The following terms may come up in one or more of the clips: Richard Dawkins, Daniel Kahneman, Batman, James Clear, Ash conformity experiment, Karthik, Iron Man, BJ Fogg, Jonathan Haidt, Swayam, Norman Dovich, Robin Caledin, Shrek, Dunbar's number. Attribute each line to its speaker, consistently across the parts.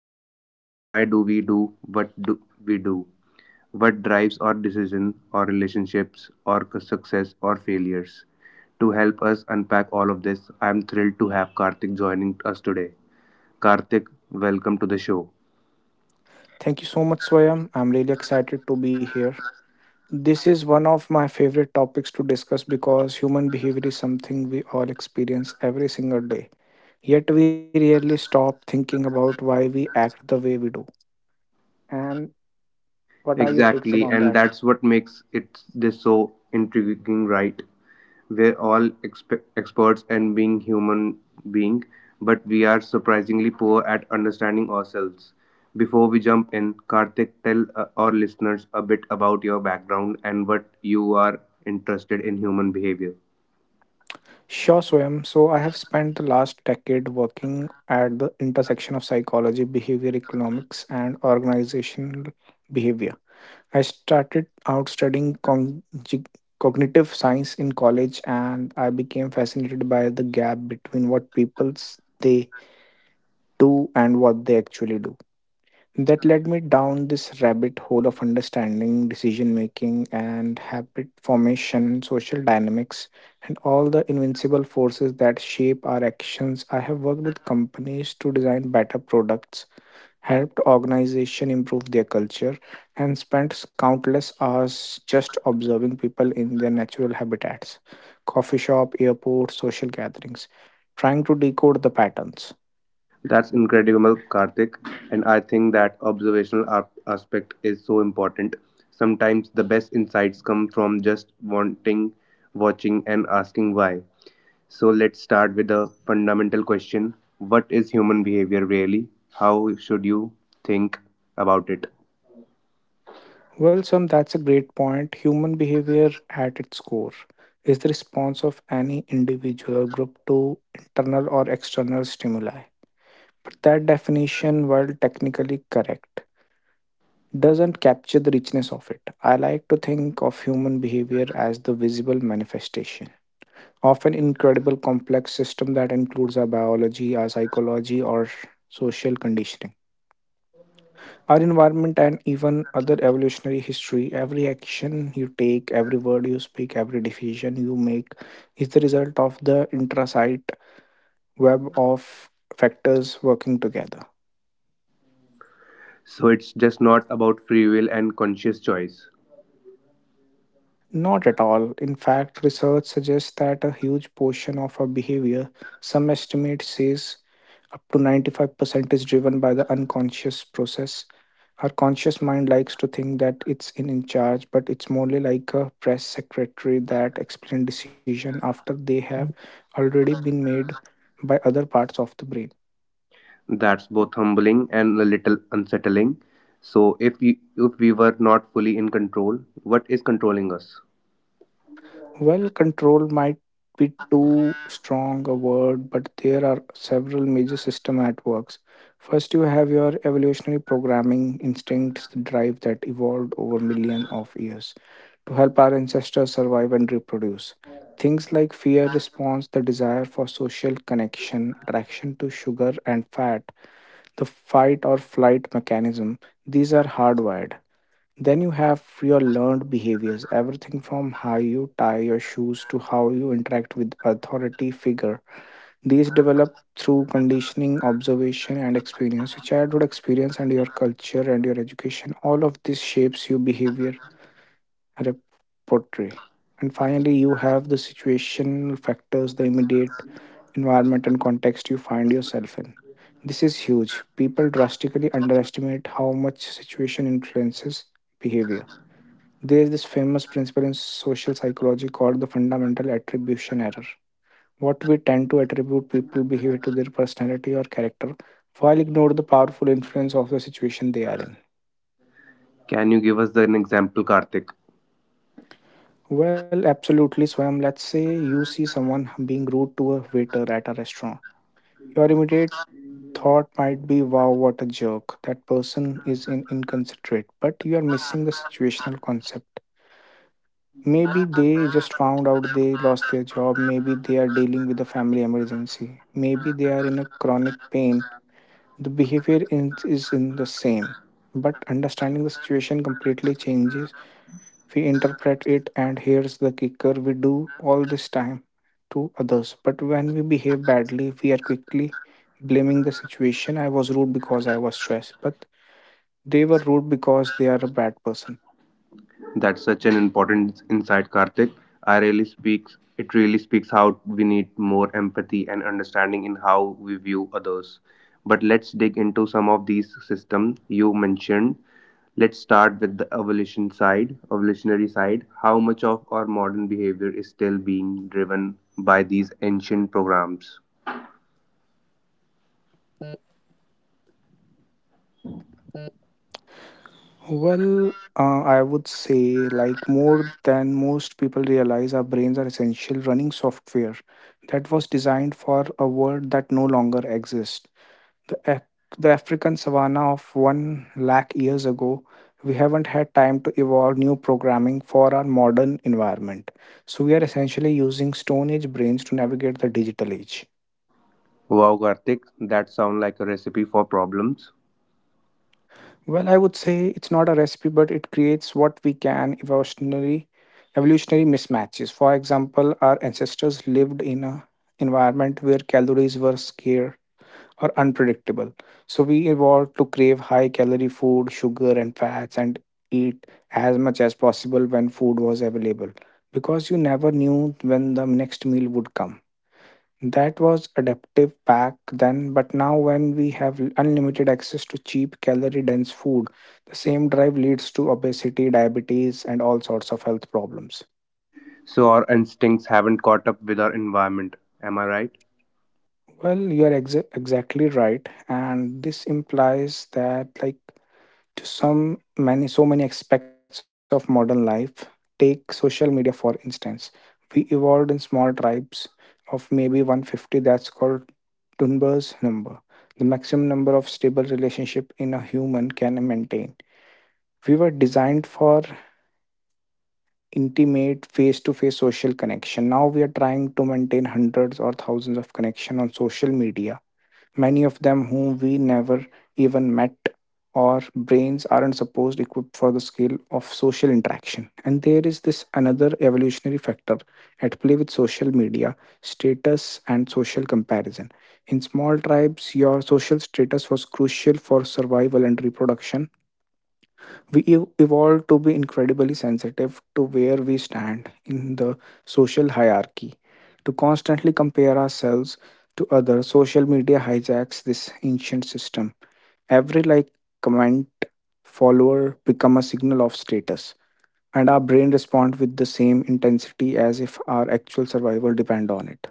Speaker 1: uh, why do we do what do we do? What drives our decision, our relationships, our success or failures? To help us unpack all of this, I'm thrilled to have Karthik joining us today. Karthik, welcome to the show.
Speaker 2: Thank you so much, Swayam. I'm really excited to be here. This is one of my favorite topics to discuss because human behavior is something we all experience every single day. Yet we rarely stop thinking about why we act the way we do. And what are your takes
Speaker 1: Exactly,
Speaker 2: about
Speaker 1: and
Speaker 2: that?
Speaker 1: that's what makes it this so intriguing, right? We're all experts and being human being, but we are surprisingly poor at understanding ourselves. Before we jump in, Karthik, tell our listeners a bit about your background and what you are interested in human behavior.
Speaker 2: Sure, Swayam. So I have spent the last decade working at the intersection of psychology, behavior economics, and organizational behavior. I started out studying cognitive science in college and I became fascinated by the gap between what people they do and what they actually do. That led me down this rabbit hole of understanding decision making and habit formation, social dynamics, and all the invincible forces that shape our actions. I have worked with companies to design better products helped organizations improve their culture, and spent countless hours just observing people in their natural habitats coffee shop, airports, social gatherings, trying to decode the patterns.
Speaker 1: That's incredible, Karthik. And I think that observational aspect is so important. Sometimes the best insights come from just wanting, watching, and asking why. So let's start with a fundamental question. What is human behavior really? How should you think about it?
Speaker 2: Well, Sam, that's a great point. Human behavior at its core is the response of any individual or group to internal or external stimuli. But that definition, while technically correct, doesn't capture the richness of it. I like to think of human behavior as the visible manifestation of an incredible complex system that includes our biology, our psychology, or social conditioning, our environment, and even other evolutionary history. Every action you take, every word you speak, every decision you make is the result of the intrasite web of factors working together.
Speaker 1: So it's just not about free will and conscious choice.
Speaker 2: Not at all. In fact, research suggests that a huge portion of our behavior, some estimate says up to 95%, is driven by the unconscious process. Our conscious mind likes to think that it's in charge, but it's morely like a press secretary that explains decision after they have already been made by other parts of the brain.
Speaker 1: That's both humbling and a little unsettling. So if we were not fully in control, what is controlling us?
Speaker 2: Well, control might be too strong a word, but there are several major system at works. First, you have your evolutionary programming instincts drive that evolved over millions of years to help our ancestors survive and reproduce. Things like fear response, the desire for social connection, attraction to sugar and fat, the fight or flight mechanism, these are hardwired. Then you have your learned behaviors, everything from how you tie your shoes to how you interact with authority figure. These develop through conditioning, observation, and experience. Your childhood experience and your culture and your education, all of this shapes your behavior repertory. And finally, you have the situational factors, the immediate environment and context you find yourself in. This is huge. People drastically underestimate how much situation influences behavior. There is this famous principle in social psychology called the fundamental attribution error. What we tend to attribute people's behavior to their personality or character while ignore the powerful influence of the situation they are in.
Speaker 1: Can you give us an example, Karthik?
Speaker 2: Well, absolutely, Swam. Let's say you see someone being rude to a waiter at a restaurant. Your immediate thought might be, wow, what a jerk. That person is in inconsiderate, but you are missing the situational concept. Maybe they just found out they lost their job. Maybe they are dealing with a family emergency. Maybe they are in a chronic pain. The behavior is in the same. But understanding the situation completely changes. We interpret it, and here's the kicker we do all this time to others. But when we behave badly, we are quickly blaming the situation. I was rude because I was stressed, but they were rude because they are a bad person.
Speaker 1: That's such an important insight, Karthik. I really speaks. It really speaks how we need more empathy and understanding in how we view others. But let's dig into some of these systems you mentioned. Let's start with the evolutionary side. How much of our modern behavior is still being driven by these ancient programs?
Speaker 2: Well, I would say, like more than most people realize, our brains are essential running software that was designed for a world that no longer exists. The, Af- the African savannah of one lakh years ago, we haven't had time to evolve new programming for our modern environment. So, we are essentially using Stone Age brains to navigate the digital age.
Speaker 1: Wow, Karthik, that sounds like a recipe for problems.
Speaker 2: Well, I would say it's not a recipe, but it creates what we can evolutionary mismatches. For example, our ancestors lived in a environment where calories were scarce or unpredictable. So we evolved to crave high calorie food, sugar and fats and eat as much as possible when food was available because you never knew when the next meal would come. That was adaptive back then, but now when we have unlimited access to cheap, calorie dense food, the same drive leads to obesity, diabetes, and all sorts of health problems.
Speaker 1: So our instincts haven't caught up with our environment. Am I right?
Speaker 2: Well, you are exactly right, and this implies that, like, to some many so many aspects of modern life, take social media for instance, we evolved in small tribes of maybe 150 that's called Dunbar's number, the maximum number of stable relationship in a human can maintain. We were designed for intimate face-to-face social connection. Now we are trying to maintain hundreds or thousands of connection on social media many of them whom we never even met. Our brains aren't supposed equipped for the scale of social interaction. And there is this another evolutionary factor at play with social media, status, and social comparison. In small tribes, your social status was crucial for survival and reproduction we evolved to be incredibly sensitive to where we stand in the social hierarchy to constantly compare ourselves to others social media hijacks this ancient system every like comment follower become a signal of status and our brain respond with the same intensity as if our actual survival depend on it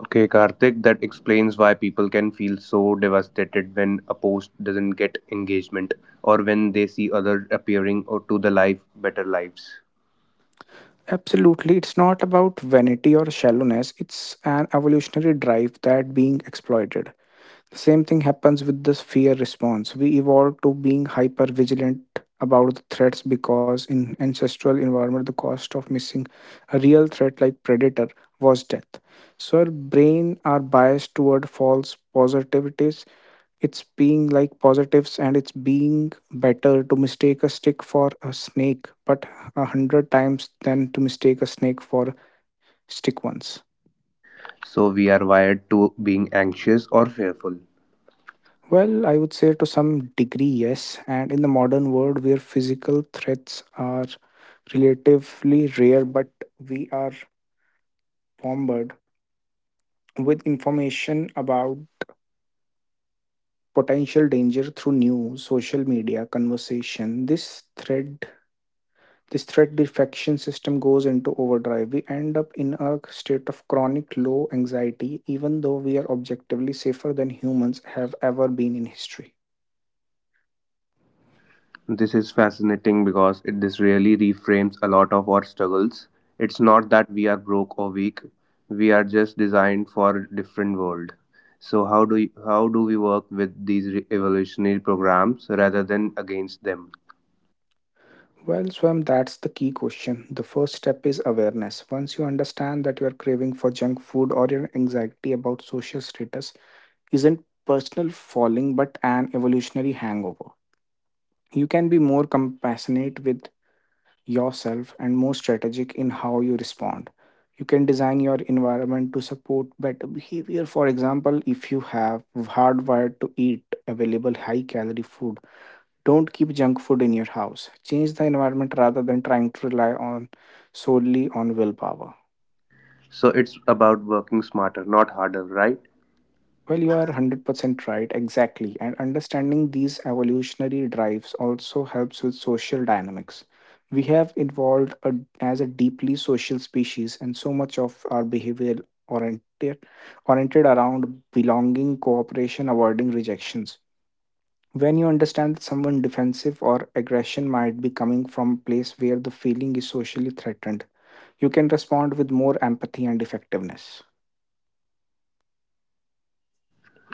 Speaker 1: Okay, Karthik, that explains why people can feel so devastated when a post doesn't get engagement, or when they see others appearing or to the life better lives.
Speaker 2: absolutely it's not about vanity or shallowness it's an evolutionary drive that being exploited. Same thing happens with this fear response. We evolved to being hyper vigilant about the threats because in ancestral environment the cost of missing a real threat like predator was death. So our brain are biased toward false positivities. It's being like positives and it's being better to mistake a stick for a snake, but 100 times than to mistake a snake for a stick once.
Speaker 1: So we are wired to being anxious or fearful.
Speaker 2: Well, I would say to some degree, yes. And in the modern world where physical threats are relatively rare, but we are bombarded with information about potential danger through news, social media, conversation, this threat defection system goes into overdrive. We end up in a state of chronic low anxiety, even though we are objectively safer than humans have ever been in history.
Speaker 1: This is fascinating because it this really reframes a lot of our struggles. It's not that we are broke or weak. We are just designed for a different world. So how do we work with these evolutionary programs rather than against them?
Speaker 2: Well, Swam, that's the key question. The first step is awareness. Once you understand that your craving for junk food or your anxiety about social status isn't personal falling but an evolutionary hangover, you can be more compassionate with yourself and more strategic in how you respond. You can design your environment to support better behavior. For example, if you have hardwired to eat available high calorie food, don't keep junk food in your house. Change the environment rather than trying to rely on solely on willpower.
Speaker 1: So it's about working smarter, not harder, right?
Speaker 2: Well, you are 100% right, exactly. And understanding these evolutionary drives also helps with social dynamics. We have evolved a, as a deeply social species, and so much of our behavior oriented, oriented around belonging, cooperation, avoiding rejections when you understand that someone defensive or aggression might be coming from a place where the feeling is socially threatened you can respond with more empathy and effectiveness.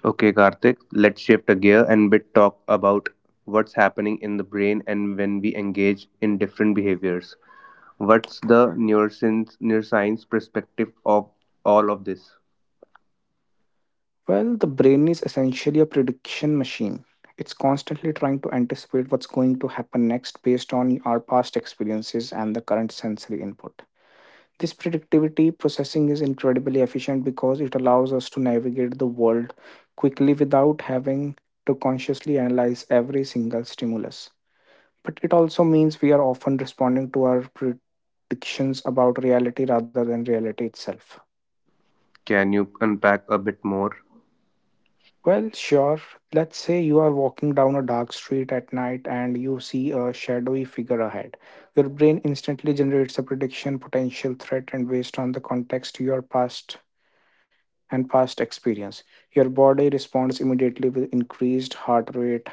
Speaker 1: Okay, Karthik, let's shift a gear and bit talk about what's happening in the brain and when we engage in different behaviors. What's the neuroscience perspective of all of this?
Speaker 2: Well, the brain is essentially a prediction machine. It's constantly trying to anticipate what's going to happen next based on our past experiences and the current sensory input. This predictivity processing is incredibly efficient because it allows us to navigate the world quickly without having to consciously analyze every single stimulus. But it also means we are often responding to our predictions about reality rather than reality itself.
Speaker 1: Can you unpack a bit more?
Speaker 2: Well, sure. Let's say you are walking down a dark street at night and you see a shadowy figure ahead. Your brain instantly generates a prediction, potential threat, and based on the context, your past and past experience. Your body responds immediately with increased heart rate,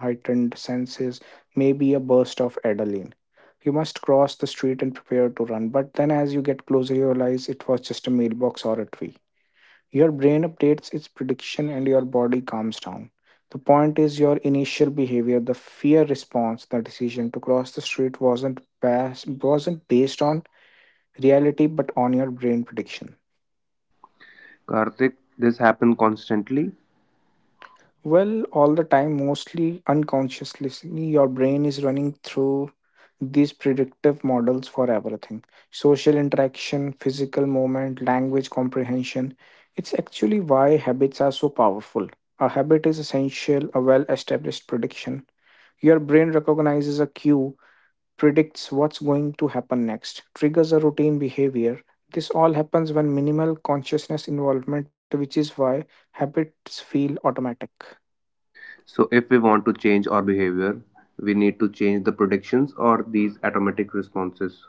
Speaker 2: heightened senses, maybe a burst of adrenaline. You must cross the street and prepare to run, but then as you get closer, you realize it was just a mailbox or a tree. Your brain updates its prediction and your body calms down. The point is your initial behavior, the fear response, the decision to cross the street wasn't based on reality but on your brain prediction.
Speaker 1: Karthik, this happens constantly.
Speaker 2: Well, all the time, mostly unconsciously, your brain is running through these predictive models for everything social interaction, physical movement, language comprehension. It's actually why habits are so powerful. A habit is essential, a well established prediction. Your brain recognizes a cue, predicts what's going to happen next, triggers a routine behavior. This all happens when minimal consciousness involvement, which is why habits feel automatic.
Speaker 1: So, if we want to change our behavior, we need to change the predictions or these automatic responses.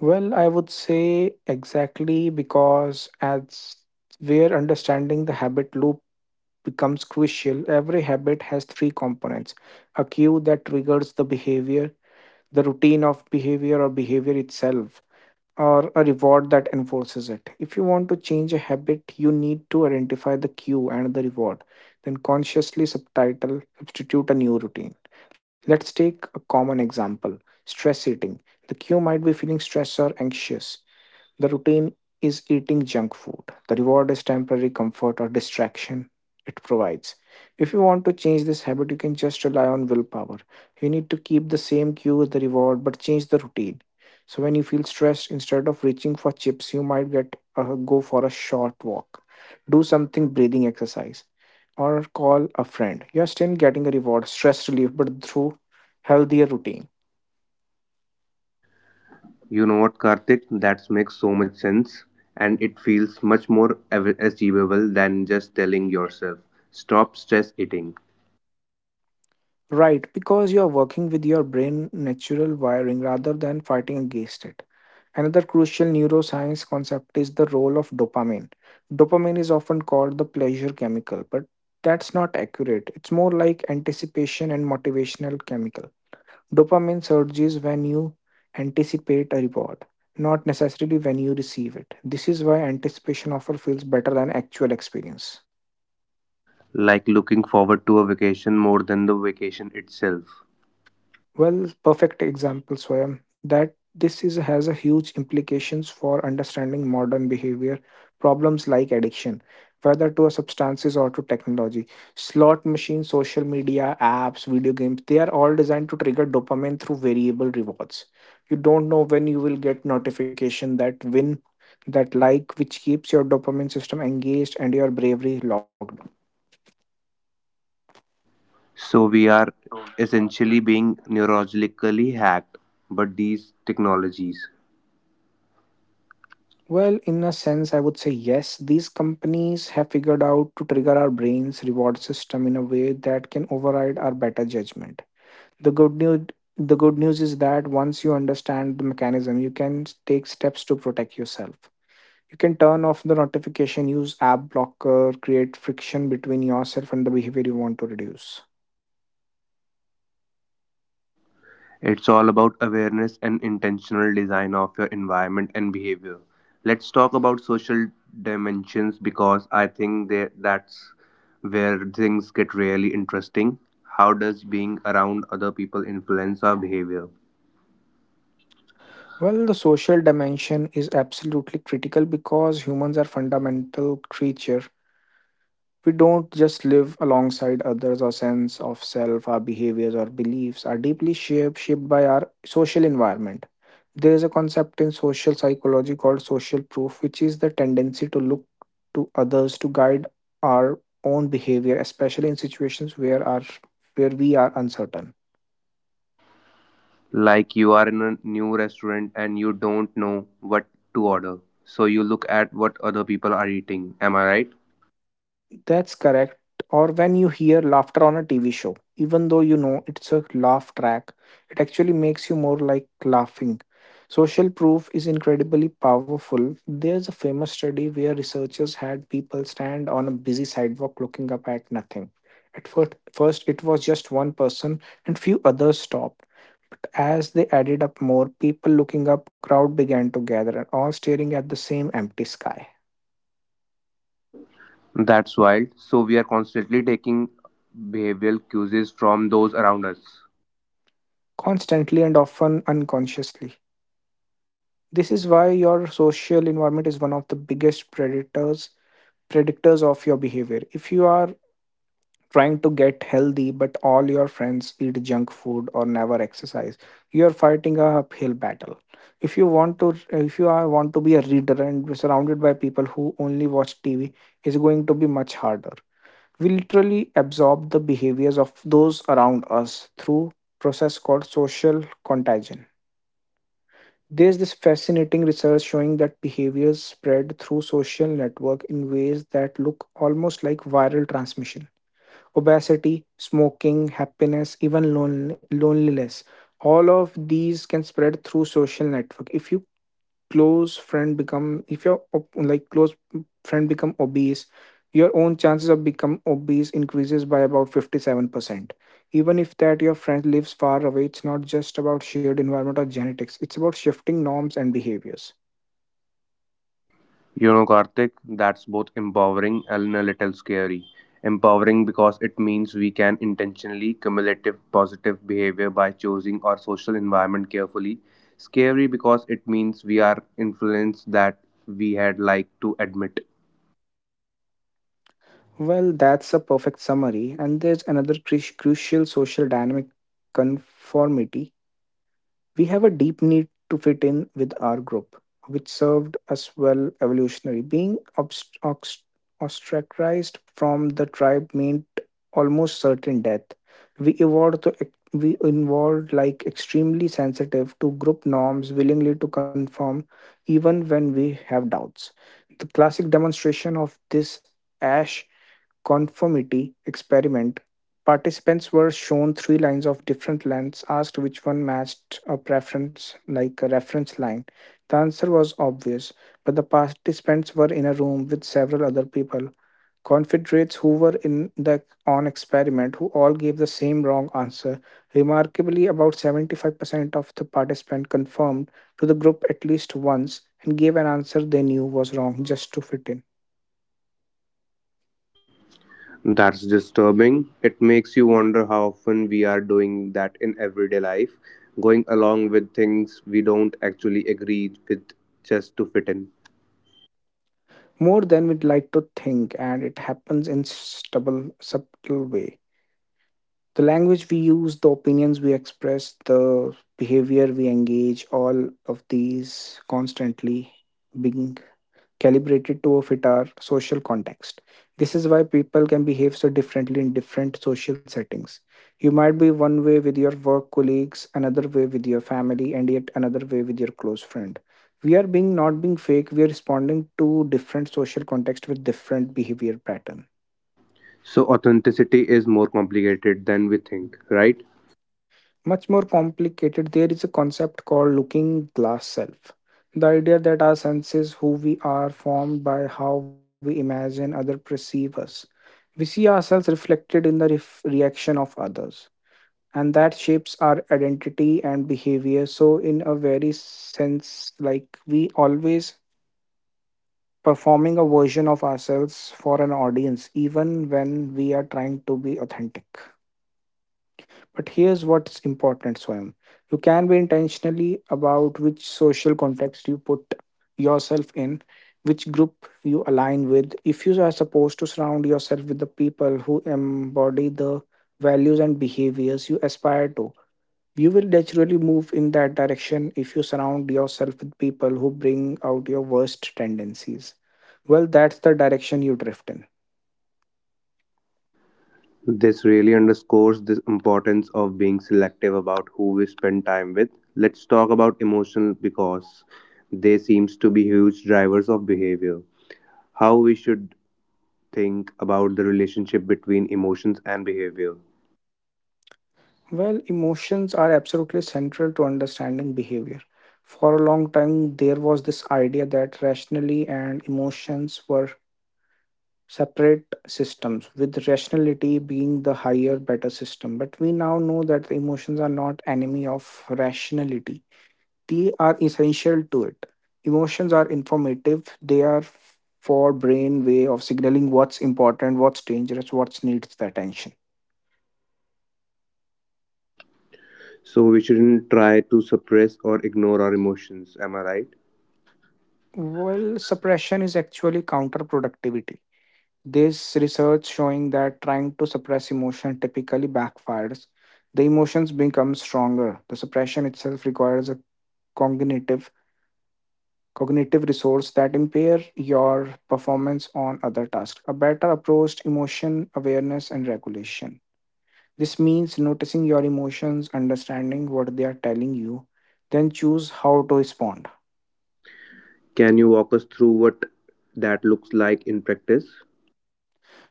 Speaker 2: Well, I would say exactly because as where understanding the habit loop becomes crucial, every habit has three components a cue that triggers the behavior, the routine of behavior or behavior itself, or a reward that enforces it. If you want to change a habit, you need to identify the cue and the reward, then consciously substitute a new routine. Let's take a common example: stress eating. The cue might be feeling stressed or anxious. The routine is eating junk food. The reward is temporary comfort or distraction it provides. If you want to change this habit, you can just rely on willpower. You need to keep the same cue as the reward but change the routine. So when you feel stressed, instead of reaching for chips, you might get go for a short walk, do something breathing exercise, or call a friend. You are still getting a reward, stress relief, but through healthier routine.
Speaker 1: You know what, Karthik? That makes so much sense, and it feels much more achievable than just telling yourself, stop stress eating,
Speaker 2: Right, because you are working with your brain natural wiring rather than fighting against it. Another crucial neuroscience concept is the role of dopamine. Dopamine is often called the pleasure chemical, but that's not accurate. It's more like anticipation and motivational chemical. Dopamine surges when you anticipate a reward, not necessarily when you receive it. This is why anticipation often feels better than actual experience.
Speaker 1: like looking forward to a vacation more than the vacation itself.
Speaker 2: Well, perfect example, Swayam, that this is has a huge implications for understanding modern behavior problems like addiction, whether to a substances or to technology. Slot machines, social media, apps, video games, they are all designed to trigger dopamine through variable rewards. You don't know when you will get notification that win, that like, which keeps your dopamine system engaged and your bravery locked.
Speaker 1: So, we are essentially being neurologically hacked, but these technologies.
Speaker 2: Well, in a sense, I would say yes. These companies have figured out to trigger our brain's reward system in a way that can override our better judgment. The good news the good news is that once you understand the mechanism, you can take steps to protect yourself. You can turn off the notification, use app blocker, create friction between yourself and the behavior you want to reduce.
Speaker 1: It's all about awareness and intentional design of your environment and behavior. Let's talk about social dimensions because I think that that's where things get really interesting. How does being around other people influence our behavior?
Speaker 2: Well, the social dimension is absolutely critical because humans are fundamental creature. We don't just live alongside others. Our sense of self, our behaviors, our beliefs are deeply shaped by our social environment. There is a concept in social psychology called social proof, which is the tendency to look to others to guide our own behavior, especially in situations where we are uncertain.
Speaker 1: Like you are in a new restaurant and you don't know what to order. So you look at what other people are eating. Am I right?
Speaker 2: That's correct. Or when you hear laughter on a TV show, even though you know it's a laugh track, it actually makes you more like laughing. Social proof is incredibly powerful. There's a famous study where researchers had people stand on a busy sidewalk looking up at nothing. First it was just one person and few others stopped. But as they added up more people looking up, crowd began to gather and all staring at the same empty sky,
Speaker 1: That's wild. So we are constantly taking behavioral cues from those around us.
Speaker 2: constantly and often unconsciously. This is why your social environment is one of the biggest predators predictors of your behavior. If you are trying to get healthy but all your friends eat junk food or never exercise, you are fighting a uphill battle. If you are want to be a reader and be surrounded by people who only watch TV, it's going to be much harder. We literally absorb the behaviors of those around us through process called social contagion. There's this fascinating research showing that behaviors spread through social network in ways that look almost like viral transmission. Obesity, smoking, happiness, even loneliness. All of these can spread through social network. If you close friend become if your op- like close friend become obese, your own chances of become obese increases by about 57%, even if that your friend lives far away. It's not just about shared environment or genetics, it's about shifting norms and behaviors.
Speaker 1: You know, Karthik, that's both empowering and a little scary. Empowering because it means we can intentionally cumulative positive behavior by choosing our social environment carefully. Scary because it means we are influenced that we had like to admit.
Speaker 2: Well, that's a perfect summary, and there's another crucial social dynamic: conformity. We have a deep need to fit in with our group, which served us well evolutionary. Being ostracized from the tribe meant almost certain death. We evolved like extremely sensitive to group norms, willingly to conform even when we have doubts. The classic demonstration of this, ash conformity experiment, participants were shown three lines of different lengths, asked which one matched a preference, like a reference line. The answer was obvious, but the participants were in a room with several other people, confederates who were in the on experiment, who all gave the same wrong answer. Remarkably, about 75% of the participants confirmed to the group at least once and gave an answer they knew was wrong just to fit in.
Speaker 1: That's disturbing. It makes you wonder how often we are doing that in everyday life, going along with things we don't actually agree with just to fit in.
Speaker 2: More than we'd like to think, and it happens in subtle way. The language we use, the opinions we express, the behavior we engage, all of these constantly being calibrated to a fit our social context. This is why people can behave so differently in different social settings. You might be one way with your work colleagues, another way with your family, and yet another way with your close friend. We are being not being fake, we are responding to different social context with different behavior pattern.
Speaker 1: So authenticity is more complicated than we think, right?
Speaker 2: Much more complicated. There is a concept called looking glass self. The idea that our senses, who we are, formed by how we imagine others perceive us. We see ourselves reflected in the reaction of others, and that shapes our identity and behavior. So, in a very sense, like we always performing a version of ourselves for an audience, even when we are trying to be authentic. But here's what's important, Swayam. You can be intentionally about which social context you put yourself in, which group you align with. If you are supposed to surround yourself with the people who embody the values and behaviors you aspire to, you will naturally move in that direction if you surround yourself with people who bring out your worst tendencies. Well, that's the direction you drift in.
Speaker 1: This really underscores the importance of being selective about who we spend time with. Let's talk about emotional because they seems to be huge drivers of behavior. How we should think about the relationship between emotions and behavior.
Speaker 2: Well, emotions are absolutely central to understanding behavior. For a long time, there was this idea that rationally and emotions were separate systems, with rationality being the higher, better system. But we now know that the emotions are not enemy of rationality, they are essential to it. Emotions are informative, they are for brain way of signaling what's important, what's dangerous, what needs the attention.
Speaker 1: So we shouldn't try to suppress or ignore our emotions, am I right?
Speaker 2: Well, suppression is actually counterproductivity. This research showing that trying to suppress emotion typically backfires, the emotions become stronger. The suppression itself requires a cognitive cognitive resource that impair your performance on other tasks. A better approach: emotion awareness and regulation. This means noticing your emotions, understanding what they are telling you, then choose how to respond.
Speaker 1: Can you walk us through what that looks like in practice?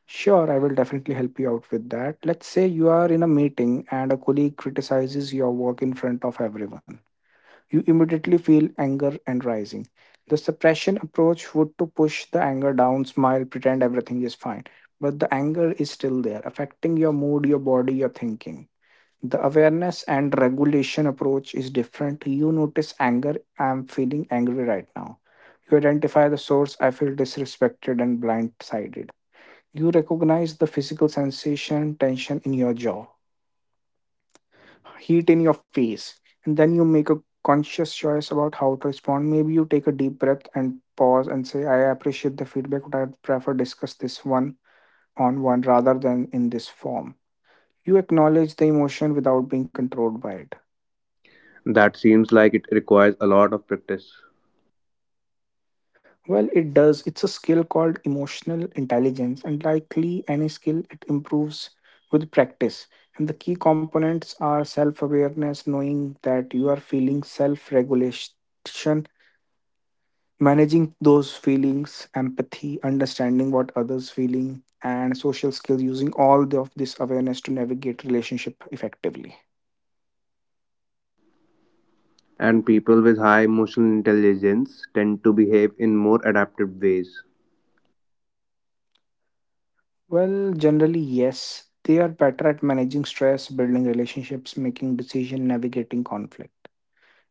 Speaker 2: Sure, I will definitely help you out with that. Let's say you are in a meeting and a colleague criticizes your work in front of everyone. You immediately feel anger and rising. The suppression approach would to push the anger down, smile, pretend everything is fine. But the anger is still there, affecting your mood, your body, your thinking. The awareness and regulation approach is different. You notice anger, I'm feeling angry right now. You identify the source, I feel disrespected and blindsided. You recognize the physical sensation, tension in your jaw, heat in your face, and then you make a conscious choice about how to respond. Maybe you take a deep breath and pause and say, I appreciate the feedback, but I'd prefer discuss this one on one rather than in this form. You acknowledge the emotion without being controlled by it.
Speaker 1: That seems like it requires a lot of practice.
Speaker 2: Well, it does. It's a skill called emotional intelligence, and likely any skill, it improves with practice. And the key components are self awareness, knowing that you are feeling, self regulation, managing those feelings, empathy, understanding what others feeling, and social skills, using all of this awareness to navigate relationship effectively.
Speaker 1: And people with high emotional intelligence tend to behave in more adaptive ways.
Speaker 2: Well, generally, yes. They are better at managing stress, building relationships, making decision, navigating conflict.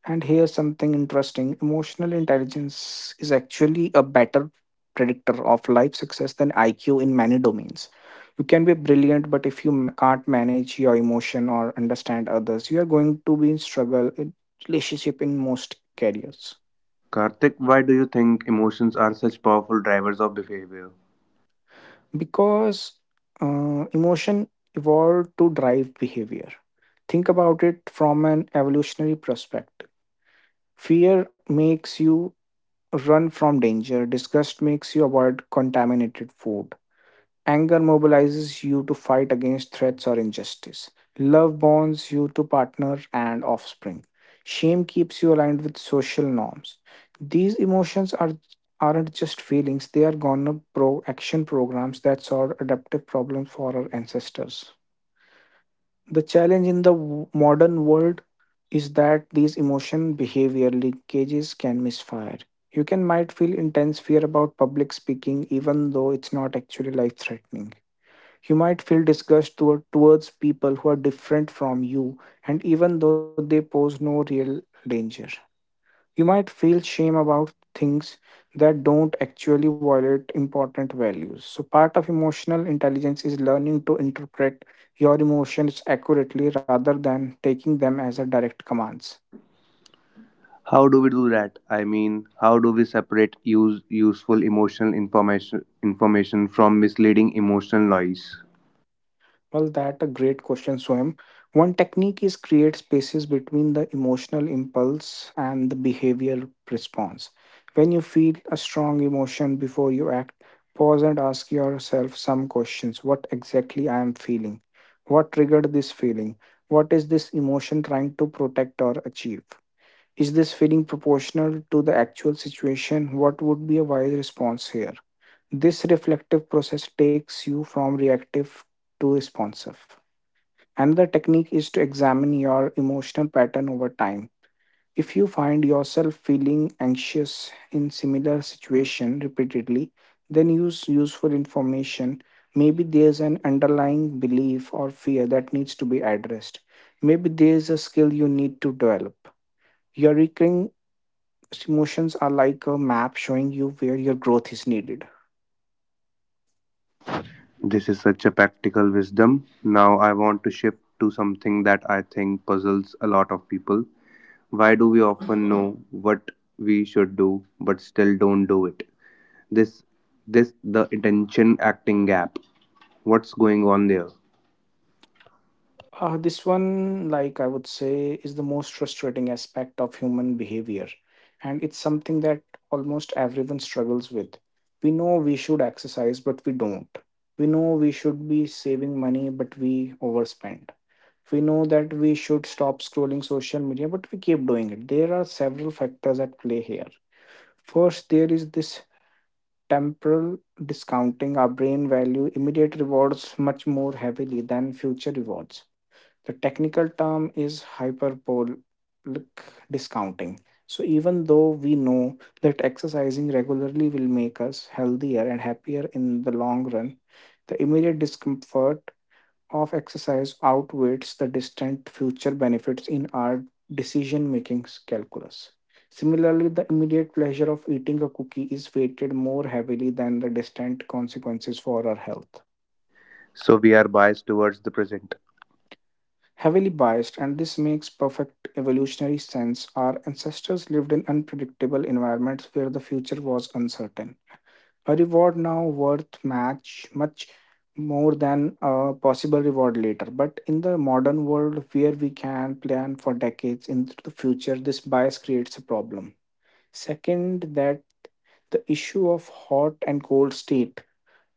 Speaker 2: And here's something interesting: emotional intelligence is actually a better predictor of life success than IQ in many domains. You can be brilliant, but if you can't manage your emotion or understand others, you are going to be in struggle in relationship in most careers.
Speaker 1: Karthik, why do you think emotions are such powerful drivers of behavior?
Speaker 2: Because emotion evolved to drive behavior. Think about it from an evolutionary perspective. Fear makes you run from danger. Disgust makes you avoid contaminated food. Anger mobilizes you to fight against threats or injustice. Love bonds you to partner and offspring. Shame keeps you aligned with social norms. These emotions are Aren't just feelings, they are going up pro action programs that solved adaptive problems for our ancestors. The challenge in the modern world is that these emotion behavior linkages can misfire. You can might feel intense fear about public speaking even though it's not actually life threatening. You might feel disgust towards people who are different from you and even though they pose no real danger. You might feel shame about things that don't actually violate important values. So, part of emotional intelligence is learning to interpret your emotions accurately rather than taking them as a direct commands.
Speaker 1: How do we do that? I mean, how do we separate useful emotional information from misleading emotional noise?
Speaker 2: Well, that a great question, Swam. One technique is create spaces between the emotional impulse and the behavior response. When you feel a strong emotion before you act, pause and ask yourself some questions. What exactly I am feeling? What triggered this feeling? What is this emotion trying to protect or achieve? Is this feeling proportional to the actual situation? What would be a wise response here? This reflective process takes you from reactive to responsive. Another technique is to examine your emotional pattern over time. If you find yourself feeling anxious in similar situation repeatedly, then use useful information. Maybe there's an underlying belief or fear that needs to be addressed. Maybe there's a skill you need to develop. Your recurring emotions are like a map showing you where your growth is needed.
Speaker 1: This is such a practical wisdom. Now I want to shift to something that I think puzzles a lot of people. Why do we often know what we should do but still don't do it? this this The intention acting gap, what's going on there?
Speaker 2: This one, like I would say, is the most frustrating aspect of human behavior. And it's something that almost everyone struggles with. We know we should exercise, but we don't. We know we should be saving money, but we overspend. We know that we should stop scrolling social media, but we keep doing it. There are several factors at play here. First, there is this temporal discounting. Our brain value immediate rewards much more heavily than future rewards the technical term is hyperbolic discounting. So, even though we know that exercising regularly will make us healthier and happier in the long run, the immediate discomfort of exercise outweighs the distant future benefits in our decision making calculus. Similarly, the immediate pleasure of eating a cookie is weighted more heavily than the distant consequences for our health.
Speaker 1: So we are biased towards the present.
Speaker 2: Heavily biased, and this makes perfect evolutionary sense. Our ancestors lived in unpredictable environments where the future was uncertain. A reward now worth match much more than a possible reward later. But in the modern world where we can plan for decades into the future, this bias creates a problem. Second, that the issue of hot and cold state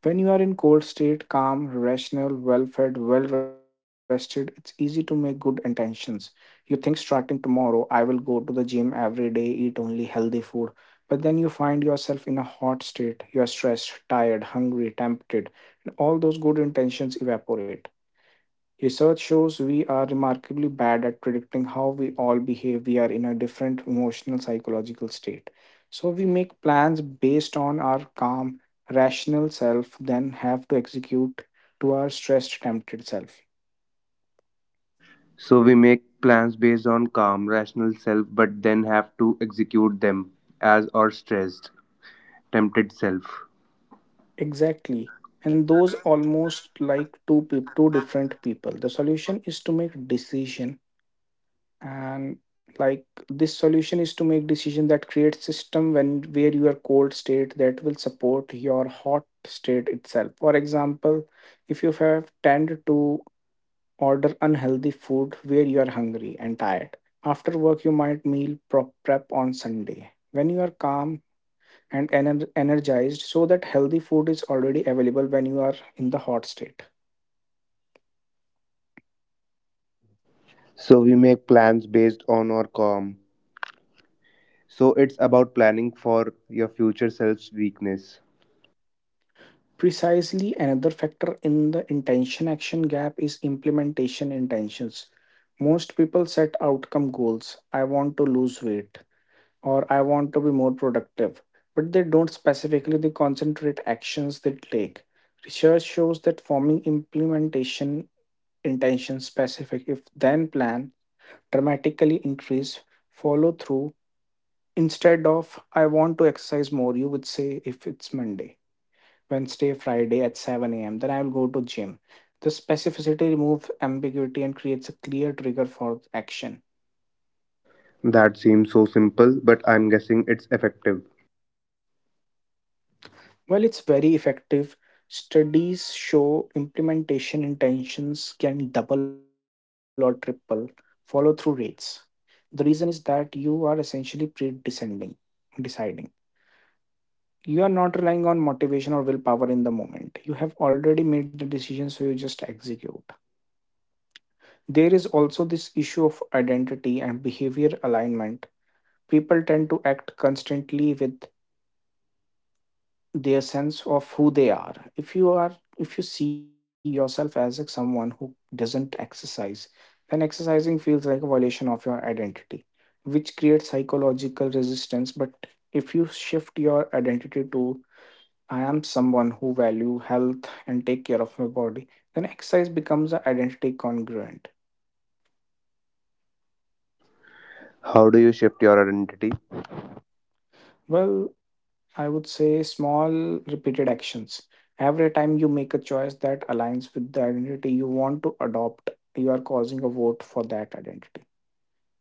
Speaker 2: when you are in cold state, calm, rational, well-fed, well-rested, it's easy to make good intentions. You think starting tomorrow, I will go to the gym every day, eat only healthy food. But then you find yourself in a hot state. You are stressed, tired, hungry, tempted, and all those good intentions evaporate. Research shows we are remarkably bad at predicting how we all behave. We are in a different emotional psychological state. So we make plans based on our calm, rational self, then have to execute to our stressed, tempted self.
Speaker 1: So we make plans based on calm rational self but then have to execute them as our stressed, tempted self.
Speaker 2: Exactly. And those almost like two different people. The solution is to make decision and like this solution is to make decision that create system when where your cold state that will support your hot state itself. For example, if you have tend to order unhealthy food where you are hungry and tired after work, you might meal prep on Sunday when you are calm and energized so that healthy food is already available when you are in the hot state.
Speaker 1: So we make plans based on our calm So it's about planning for your future self's weakness.
Speaker 2: Precisely another factor in the intention action gap is implementation intentions. Most people set outcome goals. I want to lose weight or I want to be more productive, but they don't specifically they concentrate actions they take. Research shows that forming implementation intention specific if then plan dramatically increase follow through instead of I want to exercise more you would say if it's Monday. Wednesday, Friday at 7 a.m. Then I will go to gym. The specificity removes ambiguity and creates a clear trigger for action.
Speaker 1: That seems so simple but I'm guessing it's effective.
Speaker 2: Well, it's very effective. Studies show implementation intentions can double or triple follow through rates. The reason is that you are essentially pre-deciding. Deciding. You are not relying on motivation or willpower in the moment. You have already made the decision, so you just execute there is also this issue of identity and behavior alignment people tend to act constantly with their sense of who they are if you see yourself as like someone who doesn't exercise then exercising feels like a violation of your identity which creates psychological resistance but if you shift your identity to I am someone who value health and take care of my body then exercise becomes an identity congruent.
Speaker 1: How do you shift your identity?
Speaker 2: Well, I would say small repeated actions. Every time you make a choice that aligns with the identity you want to adopt, you are causing a vote for that identity.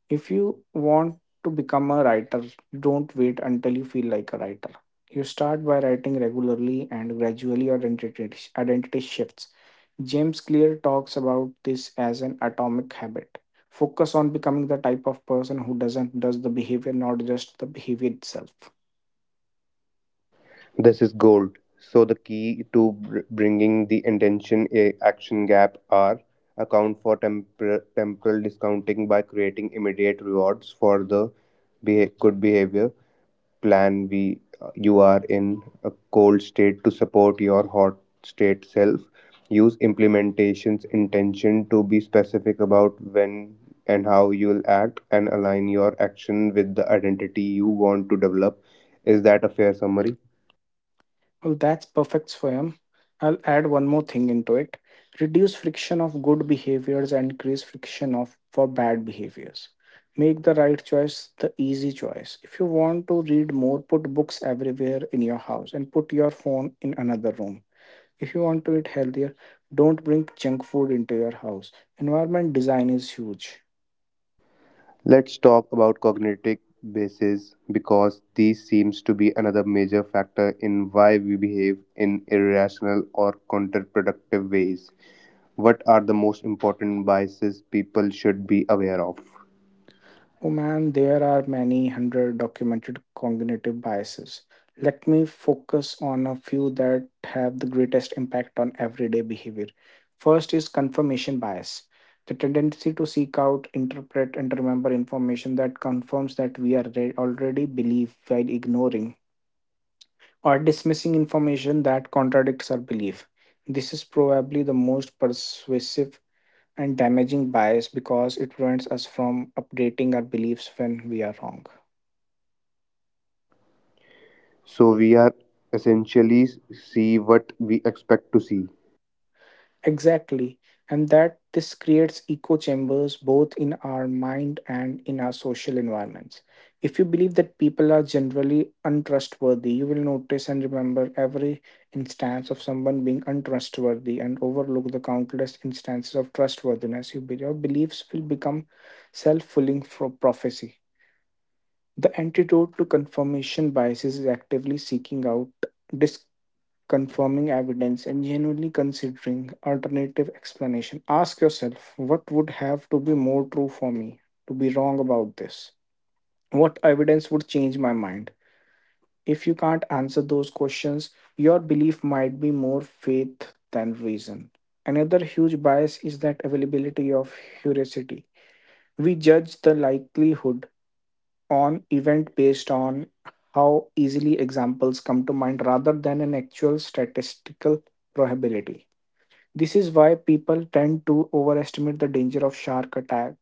Speaker 2: If you want to become a writer, don't wait until you feel like a writer. You start by writing regularly and gradually your identity shifts. James Clear talks about this as an atomic habit. Focus on becoming the type of person who does the behavior, not just the behavior itself.
Speaker 1: This is gold. So the key to bringing the intention a action gap are account for temporal discounting by creating immediate rewards for the good behavior. Plan we you are in a cold state to support your hot state self. Use implementation's intention to be specific about when and how you'll act and align your action with the identity you want to develop. Is that a fair summary?
Speaker 2: Well, that's perfect, Swayam. I'll add one more thing into it. Reduce friction of good behaviors and increase friction of for bad behaviors. Make the right choice the easy choice. If you want to read more, put books everywhere in your house and put your phone in another room. If you want to eat healthier, don't bring junk food into your house. Environment design is huge.
Speaker 1: Let's talk about cognitive biases because these seems to be another major factor in why we behave in irrational or counterproductive ways. What are the most important biases people should be aware of?
Speaker 2: Oh man, there are many hundred documented cognitive biases. Let me focus on a few that have the greatest impact on everyday behavior. First is confirmation bias, the tendency to seek out, interpret, and remember information that confirms that we already believe while ignoring or dismissing information that contradicts our belief. This is probably the most persuasive and damaging bias because it prevents us from updating our beliefs when we are wrong.
Speaker 1: So we are essentially see what we expect to see.
Speaker 2: Exactly. And that this creates echo chambers both in our mind and in our social environments. If you believe that people are generally untrustworthy, you will notice and remember every instance of someone being untrustworthy and overlook the countless instances of trustworthiness. Your beliefs will become self fulfilling prophecy. The antidote to confirmation biases is actively seeking out disconfirming evidence and genuinely considering alternative explanation. Ask yourself, what would have to be more true for me to be wrong about this? What evidence would change my mind? If you can't answer those questions, your belief might be more faith than reason. Another huge bias is that availability of heuristicity. We judge the likelihood on event based on how easily examples come to mind rather than an actual statistical probability. This is why people tend to overestimate the danger of shark attack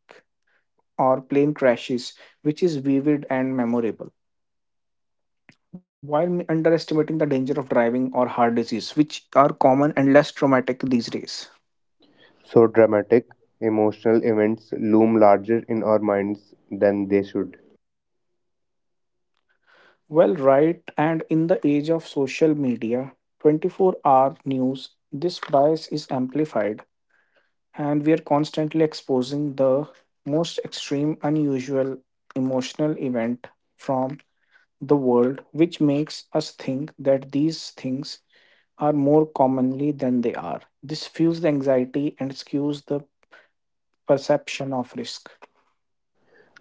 Speaker 2: or plane crashes, which is vivid and memorable, while underestimating the danger of driving or heart disease, which are common and less traumatic these days.
Speaker 1: So dramatic emotional events loom larger in our minds than they should.
Speaker 2: Well, right, and in the age of social media, 24-hour news, this bias is amplified and we are constantly exposing the most extreme, unusual emotional event from the world, which makes us think that these things are more commonly than they are. This fuels the anxiety and skews the perception of risk.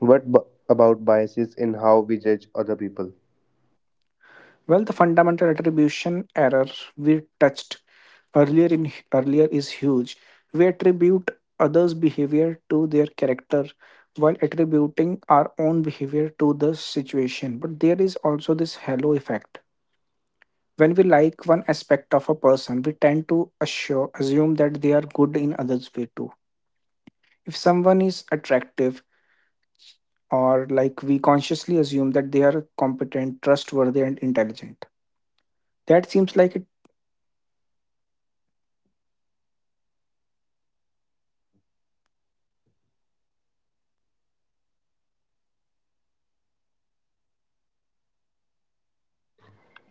Speaker 1: What about biases in how we judge other people?
Speaker 2: Well, the fundamental attribution error we touched earlier is huge. We attribute others' behavior to their character while attributing our own behavior to the situation. But there is also this halo effect. When we like one aspect of a person, we tend to assume that they are good in others' way too. If someone is attractive, or like we consciously assume that they are competent, trustworthy, and intelligent. That seems like.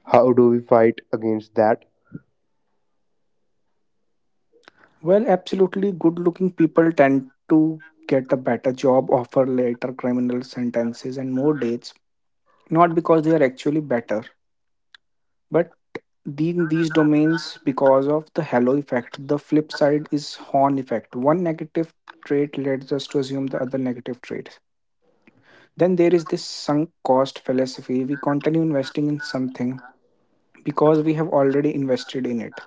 Speaker 1: How do we fight against that?
Speaker 2: Well, absolutely. Good looking people tend to get a better job offer, later criminal sentences, and more dates. Not because they are actually better, but in these domains, because of the halo effect. The flip side is horn effect. One negative trait leads us to assume the other negative traits. Then there is this sunk cost philosophy. We continue investing in something because we have already invested in it,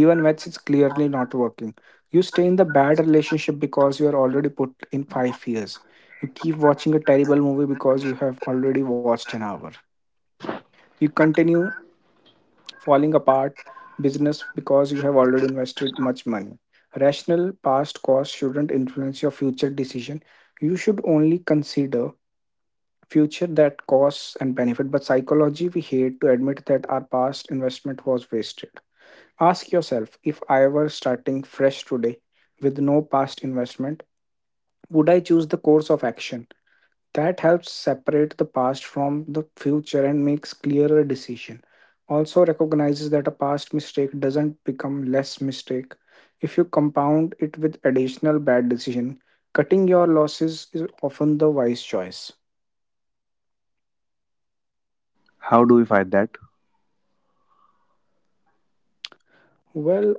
Speaker 2: even when it's clearly not working. You stay in the bad relationship because you are already put in 5 years. You keep watching a terrible movie because you have already watched an hour. You continue falling apart business because you have already invested much money. Rational past costs shouldn't influence your future decision. You should only consider future that costs and benefit. But psychology, we hate to admit that our past investment was wasted. Ask yourself if I were starting fresh today with no past investment, would I choose the course of action? That helps separate the past from the future and makes clearer decision. Also recognizes that a past mistake doesn't become less mistake if you compound it with additional bad decision. Cutting your losses is often the wise choice.
Speaker 1: How do we fight that?
Speaker 2: Well,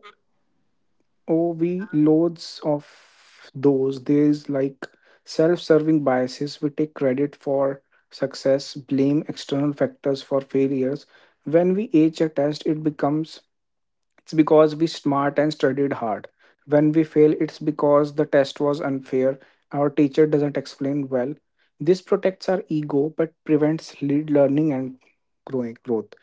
Speaker 2: oh, we loads of those. There's like self-serving biases. We take credit for success, blame external factors for failures. When we age a test, it becomes it's because we smart and studied hard. When we fail, it's because the test was unfair. Our teacher doesn't explain well. This protects our ego but prevents lead learning and growing growth.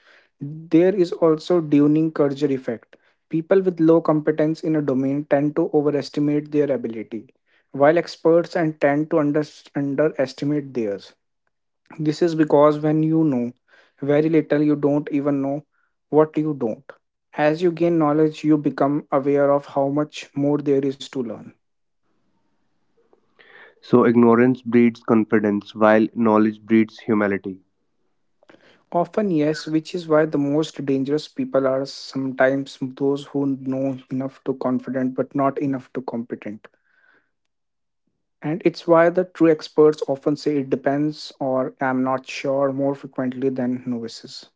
Speaker 2: There is also Dunning Kruger effect. People with low competence in a domain tend to overestimate their ability, while experts and tend to underestimate theirs. This is because when you know very little, you don't even know what you don't. As you gain knowledge, you become aware of how much more there is to learn.
Speaker 1: So, ignorance breeds confidence while knowledge breeds humility.
Speaker 2: Often, yes, which is why the most dangerous people are sometimes those who know enough to confident but not enough to competent. And it's why the true experts often say it depends or I'm not sure more frequently than novices.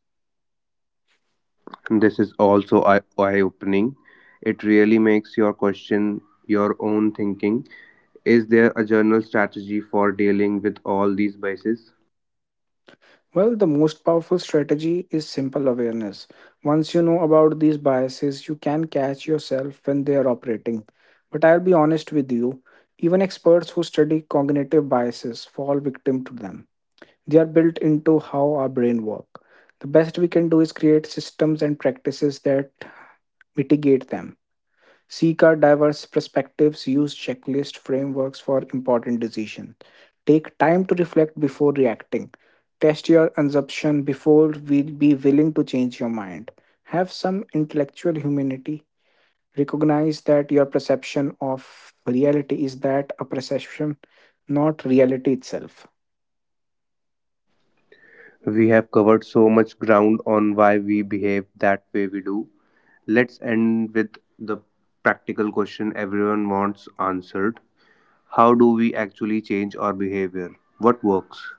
Speaker 1: This is also eye opening. It really makes your question your own thinking. Is there a general strategy for dealing with all these biases?
Speaker 2: Well, the most powerful strategy is simple awareness. Once you know about these biases, you can catch yourself when they are operating. But I'll be honest with you, even experts who study cognitive biases fall victim to them. They are built into how our brain work. The best we can do is create systems and practices that mitigate them. Seek out diverse perspectives, use checklist frameworks for important decisions. Take time to reflect before reacting. Test your assumption before we be willing to change your mind. Have some intellectual humanity. Recognize that your perception of reality is that a perception, not reality itself.
Speaker 1: We have covered so much ground on why we behave that way we do. Let's end with the practical question everyone wants answered. How do we actually change our behavior? What works?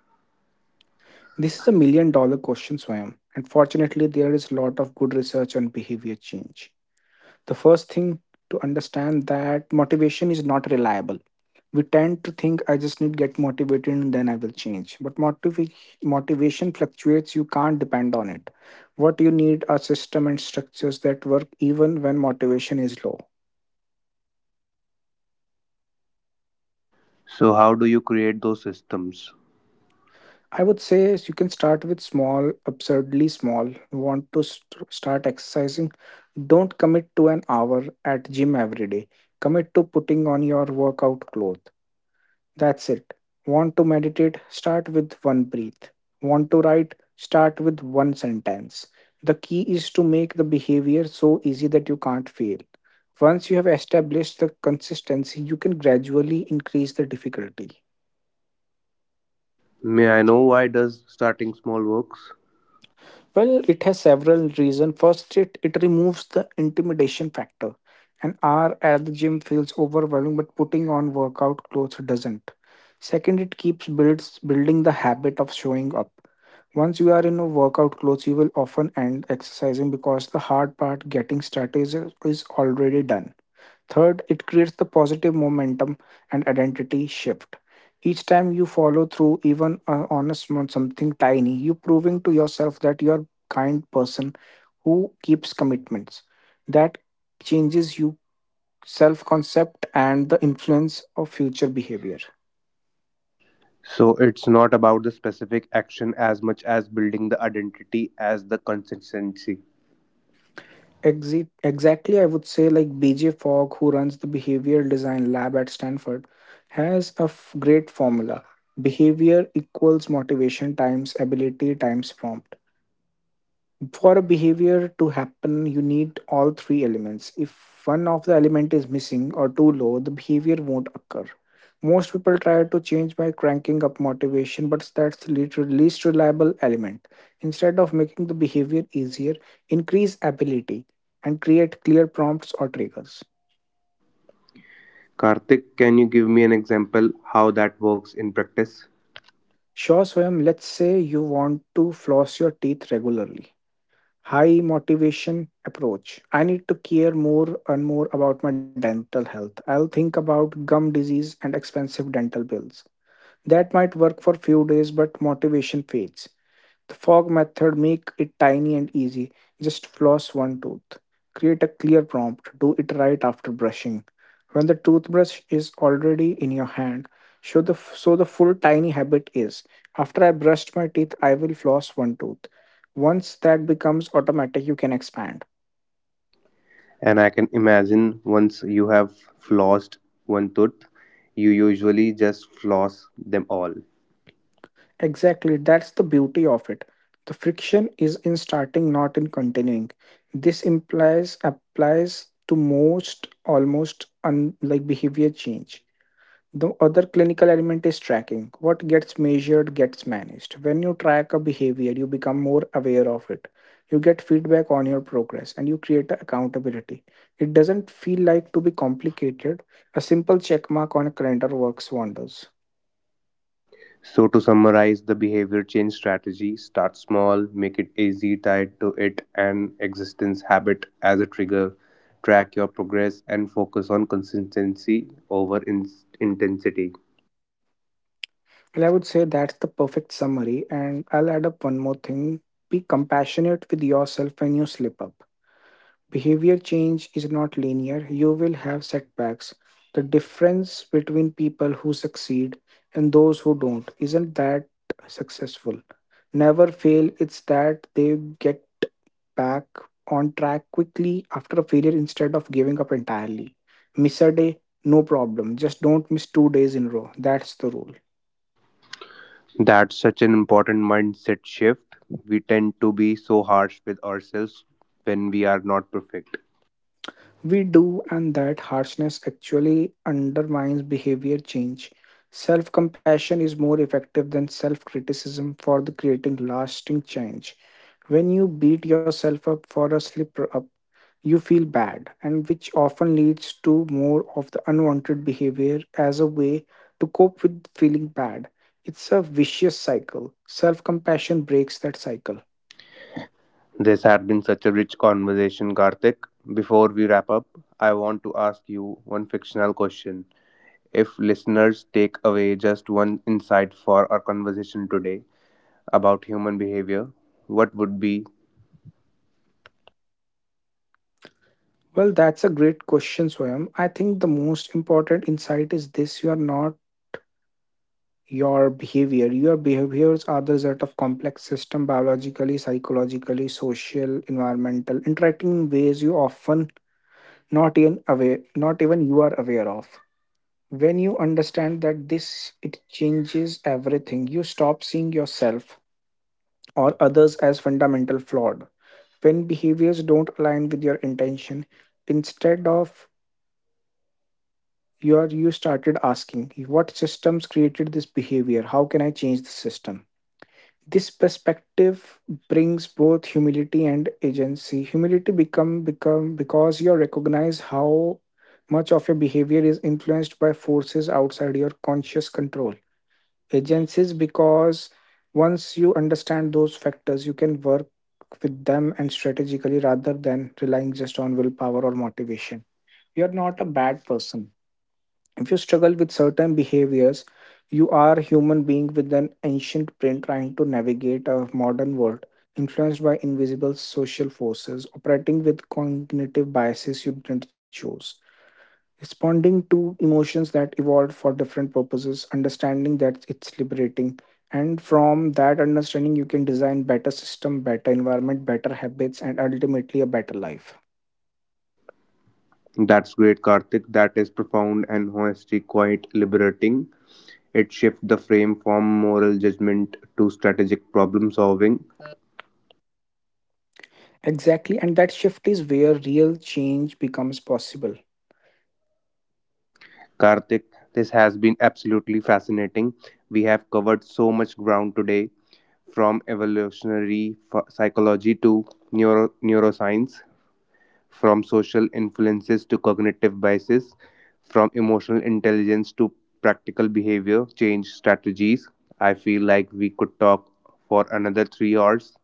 Speaker 2: This is $1 million question, Swayam. And fortunately, there is a lot of good research on behavior change. The first thing to understand that motivation is not reliable. We tend to think I just need to get motivated and then I will change, but motivation fluctuates. You can't depend on it. What you need are system and structures that work even when motivation is low.
Speaker 1: So how do you create those systems?
Speaker 2: I would say is you can start with small, absurdly small. You want to start exercising? Don't commit to an hour at gym every day. Commit to putting on your workout clothes. That's it. Want to meditate? Start with one breath. Want to write? Start with one sentence. The key is to make the behavior so easy that you can't fail. Once you have established the consistency, you can gradually increase the difficulty.
Speaker 1: May I know why does starting small works?
Speaker 2: Well, it has several reasons. First, it removes the intimidation factor. An hour at the gym feels overwhelming, but putting on workout clothes doesn't. Second, it keeps builds building the habit of showing up. Once you are in a workout clothes, you will often end exercising because the hard part getting started is already done. Third, it creates the positive momentum and identity shift. Each time you follow through, even on a small something tiny, you proving to yourself that you are kind person who keeps commitments. That changes you self concept and the influence of future behavior.
Speaker 1: So it's not about the specific action as much as building the identity as the consistency.
Speaker 2: Exactly, I would say like BJ Fogg, who runs the behavioral design lab at Stanford, has a great formula. Behavior equals motivation times ability times prompt. For a behavior to happen you need all three elements. If one of the element is missing or too low, the behavior won't occur. Most people try to change by cranking up motivation, but that's the least reliable element. Instead of making the behavior easier, increase ability and create clear prompts or triggers.
Speaker 1: Karthik, can you give me an example how that works in practice?
Speaker 2: Sure, Swayam. Let's say you want to floss your teeth regularly. High motivation approach. I need to care more and more about my dental health. I'll think about gum disease and expensive dental bills. That might work for few days but motivation fades. The fog method make it tiny and easy. Just floss one tooth. Create a clear prompt. Do it right after brushing. When the toothbrush is already in your hand, show the so the full tiny habit is after I brushed my teeth, I will floss one tooth. Once that becomes automatic, you can expand.
Speaker 1: And I can imagine once you have flossed one tooth, you usually just floss them all.
Speaker 2: Exactly, that's the beauty of it. The friction is in starting, not in continuing. This implies applies to most almost unlike behavior change. The other clinical element is tracking. What gets measured gets managed. When you track a behavior, you become more aware of it. You get feedback on your progress and you create accountability. It doesn't feel like to be complicated. A simple check mark on a calendar works wonders.
Speaker 1: So, to summarize, the behavior change strategy start small, make it easy, tied to it an existence habit as a trigger, track your progress, and focus on consistency over intensity.
Speaker 2: Well, I would say that's the perfect summary. And I'll add up one more thing, be compassionate with yourself when you slip up. Behavior change is not linear. You will have setbacks. The difference between people who succeed and those who don't isn't that successful. Never fail, it's that they get back on track quickly after a failure instead of giving up entirely. Miss a day, no problem. Just don't miss two days in row. That's the rule.
Speaker 1: That's such an important mindset shift. We tend to be so harsh with ourselves when we are not perfect.
Speaker 2: We do, and that harshness actually undermines behavior change. Self compassion is more effective than self criticism for the creating lasting change. When you beat yourself up for a slip up, you feel bad, and which often leads to more of the unwanted behavior as a way to cope with feeling bad. It's a vicious cycle. Self compassion breaks that cycle.
Speaker 1: This had been such a rich conversation, Karthik. Before we wrap up, I want to ask you one fictional question. If listeners take away just one insight for our conversation today about human behavior, what would be?
Speaker 2: Well, that's a great question, Swayam. I think the most important insight is this, you are not your behavior. Your behaviors are the result of complex system, biologically, psychologically, social, environmental, interacting in ways you often not even you are aware of. When you understand that this it changes everything. You stop seeing yourself or others as fundamental flawed. When behaviors don't align with your intention, instead of you started asking what systems created this behavior, how can I change the system. This perspective brings both humility and agency. Humility become because you recognize how much of your behavior is influenced by forces outside your conscious control. Agencies because once you understand those factors you can work with them and strategically rather than relying just on willpower or motivation. You're not a bad person if you struggle with certain behaviors. You are a human being with an ancient brain trying to navigate a modern world, influenced by invisible social forces, operating with cognitive biases you didn't choose, responding to emotions that evolved for different purposes. Understanding that it's liberating. And from that understanding, you can design better system, better environment, better habits, and ultimately a better life.
Speaker 1: That's great, Karthik. That is profound and honestly quite liberating. It shifts the frame from moral judgment to strategic problem solving.
Speaker 2: Exactly, and that shift is where real change becomes possible.
Speaker 1: Karthik, this has been absolutely fascinating. We have covered so much ground today, from evolutionary psychology to neuroscience, from social influences to cognitive biases, from emotional intelligence to practical behavior change strategies. I feel like we could talk for another 3 hours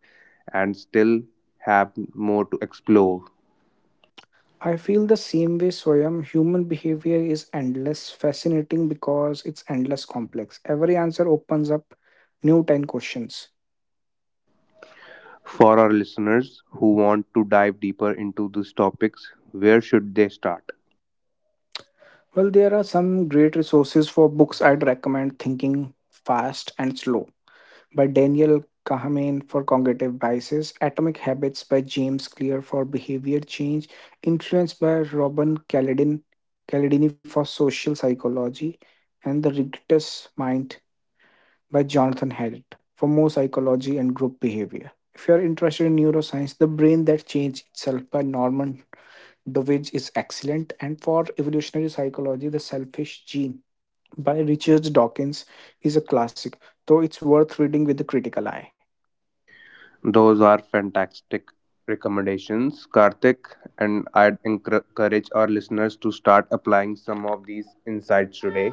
Speaker 1: and still have more to explore.
Speaker 2: I feel the same way, Swayam. Human behavior is endless, fascinating because it's endless complex. Every answer opens up new 10 questions.
Speaker 1: For our listeners who want to dive deeper into these topics, where should they start?
Speaker 2: Well, there are some great resources. For books I'd recommend Thinking Fast and Slow by Daniel Kahneman for cognitive biases, Atomic Habits by James Clear for behavior change, Influence by Caledini for social psychology, and The Ridiculous Mind by Jonathan Haidt for more psychology and group behavior. If you are interested in neuroscience, The Brain That Changed Itself by Norman Dovich is excellent, and for evolutionary psychology, The Selfish Gene by Richard Dawkins is a classic, though it's worth reading with a critical eye.
Speaker 1: Those are fantastic recommendations, Karthik, and I'd encourage our listeners to start applying some of these insights today.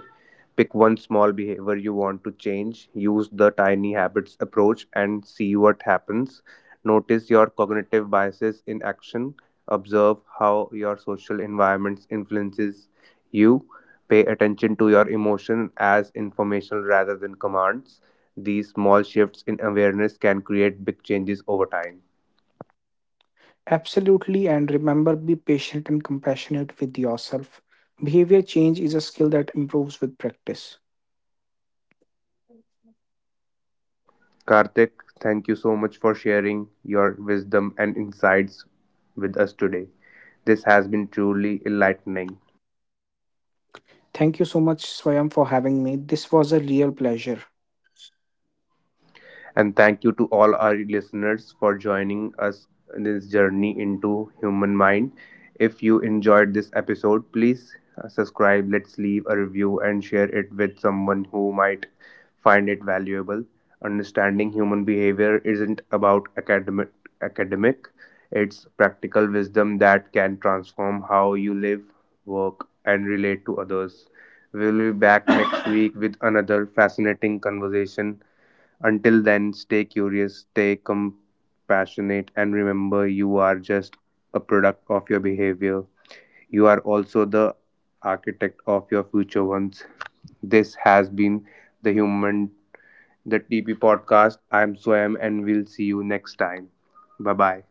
Speaker 1: Pick one small behavior you want to change, use the tiny habits approach, and see what happens. Notice your cognitive biases in action. Observe how your social environments influences you. Pay attention to your emotion as informational rather than commands. These small shifts in awareness can create big changes over time.
Speaker 2: Absolutely, and remember be patient and compassionate with yourself. Behavior change is a skill that improves with practice.
Speaker 1: Karthik, thank you so much for sharing your wisdom and insights with us today. This has been truly enlightening.
Speaker 2: Thank you so much, Swayam, for having me. This was a real pleasure.
Speaker 1: And thank you to all our listeners for joining us in this journey into human mind. If you enjoyed this episode, please subscribe, let's leave a review, and share it with someone who might find it valuable. Understanding human behavior isn't about academic. It's practical wisdom that can transform how you live, work, and relate to others. We'll be back next week with another fascinating conversation. Until then, stay curious, stay compassionate, and remember you are just a product of your behavior. You are also the architect of your future ones. This has been the Human the TP podcast. I'm Swam, and we'll see you next time. Bye bye.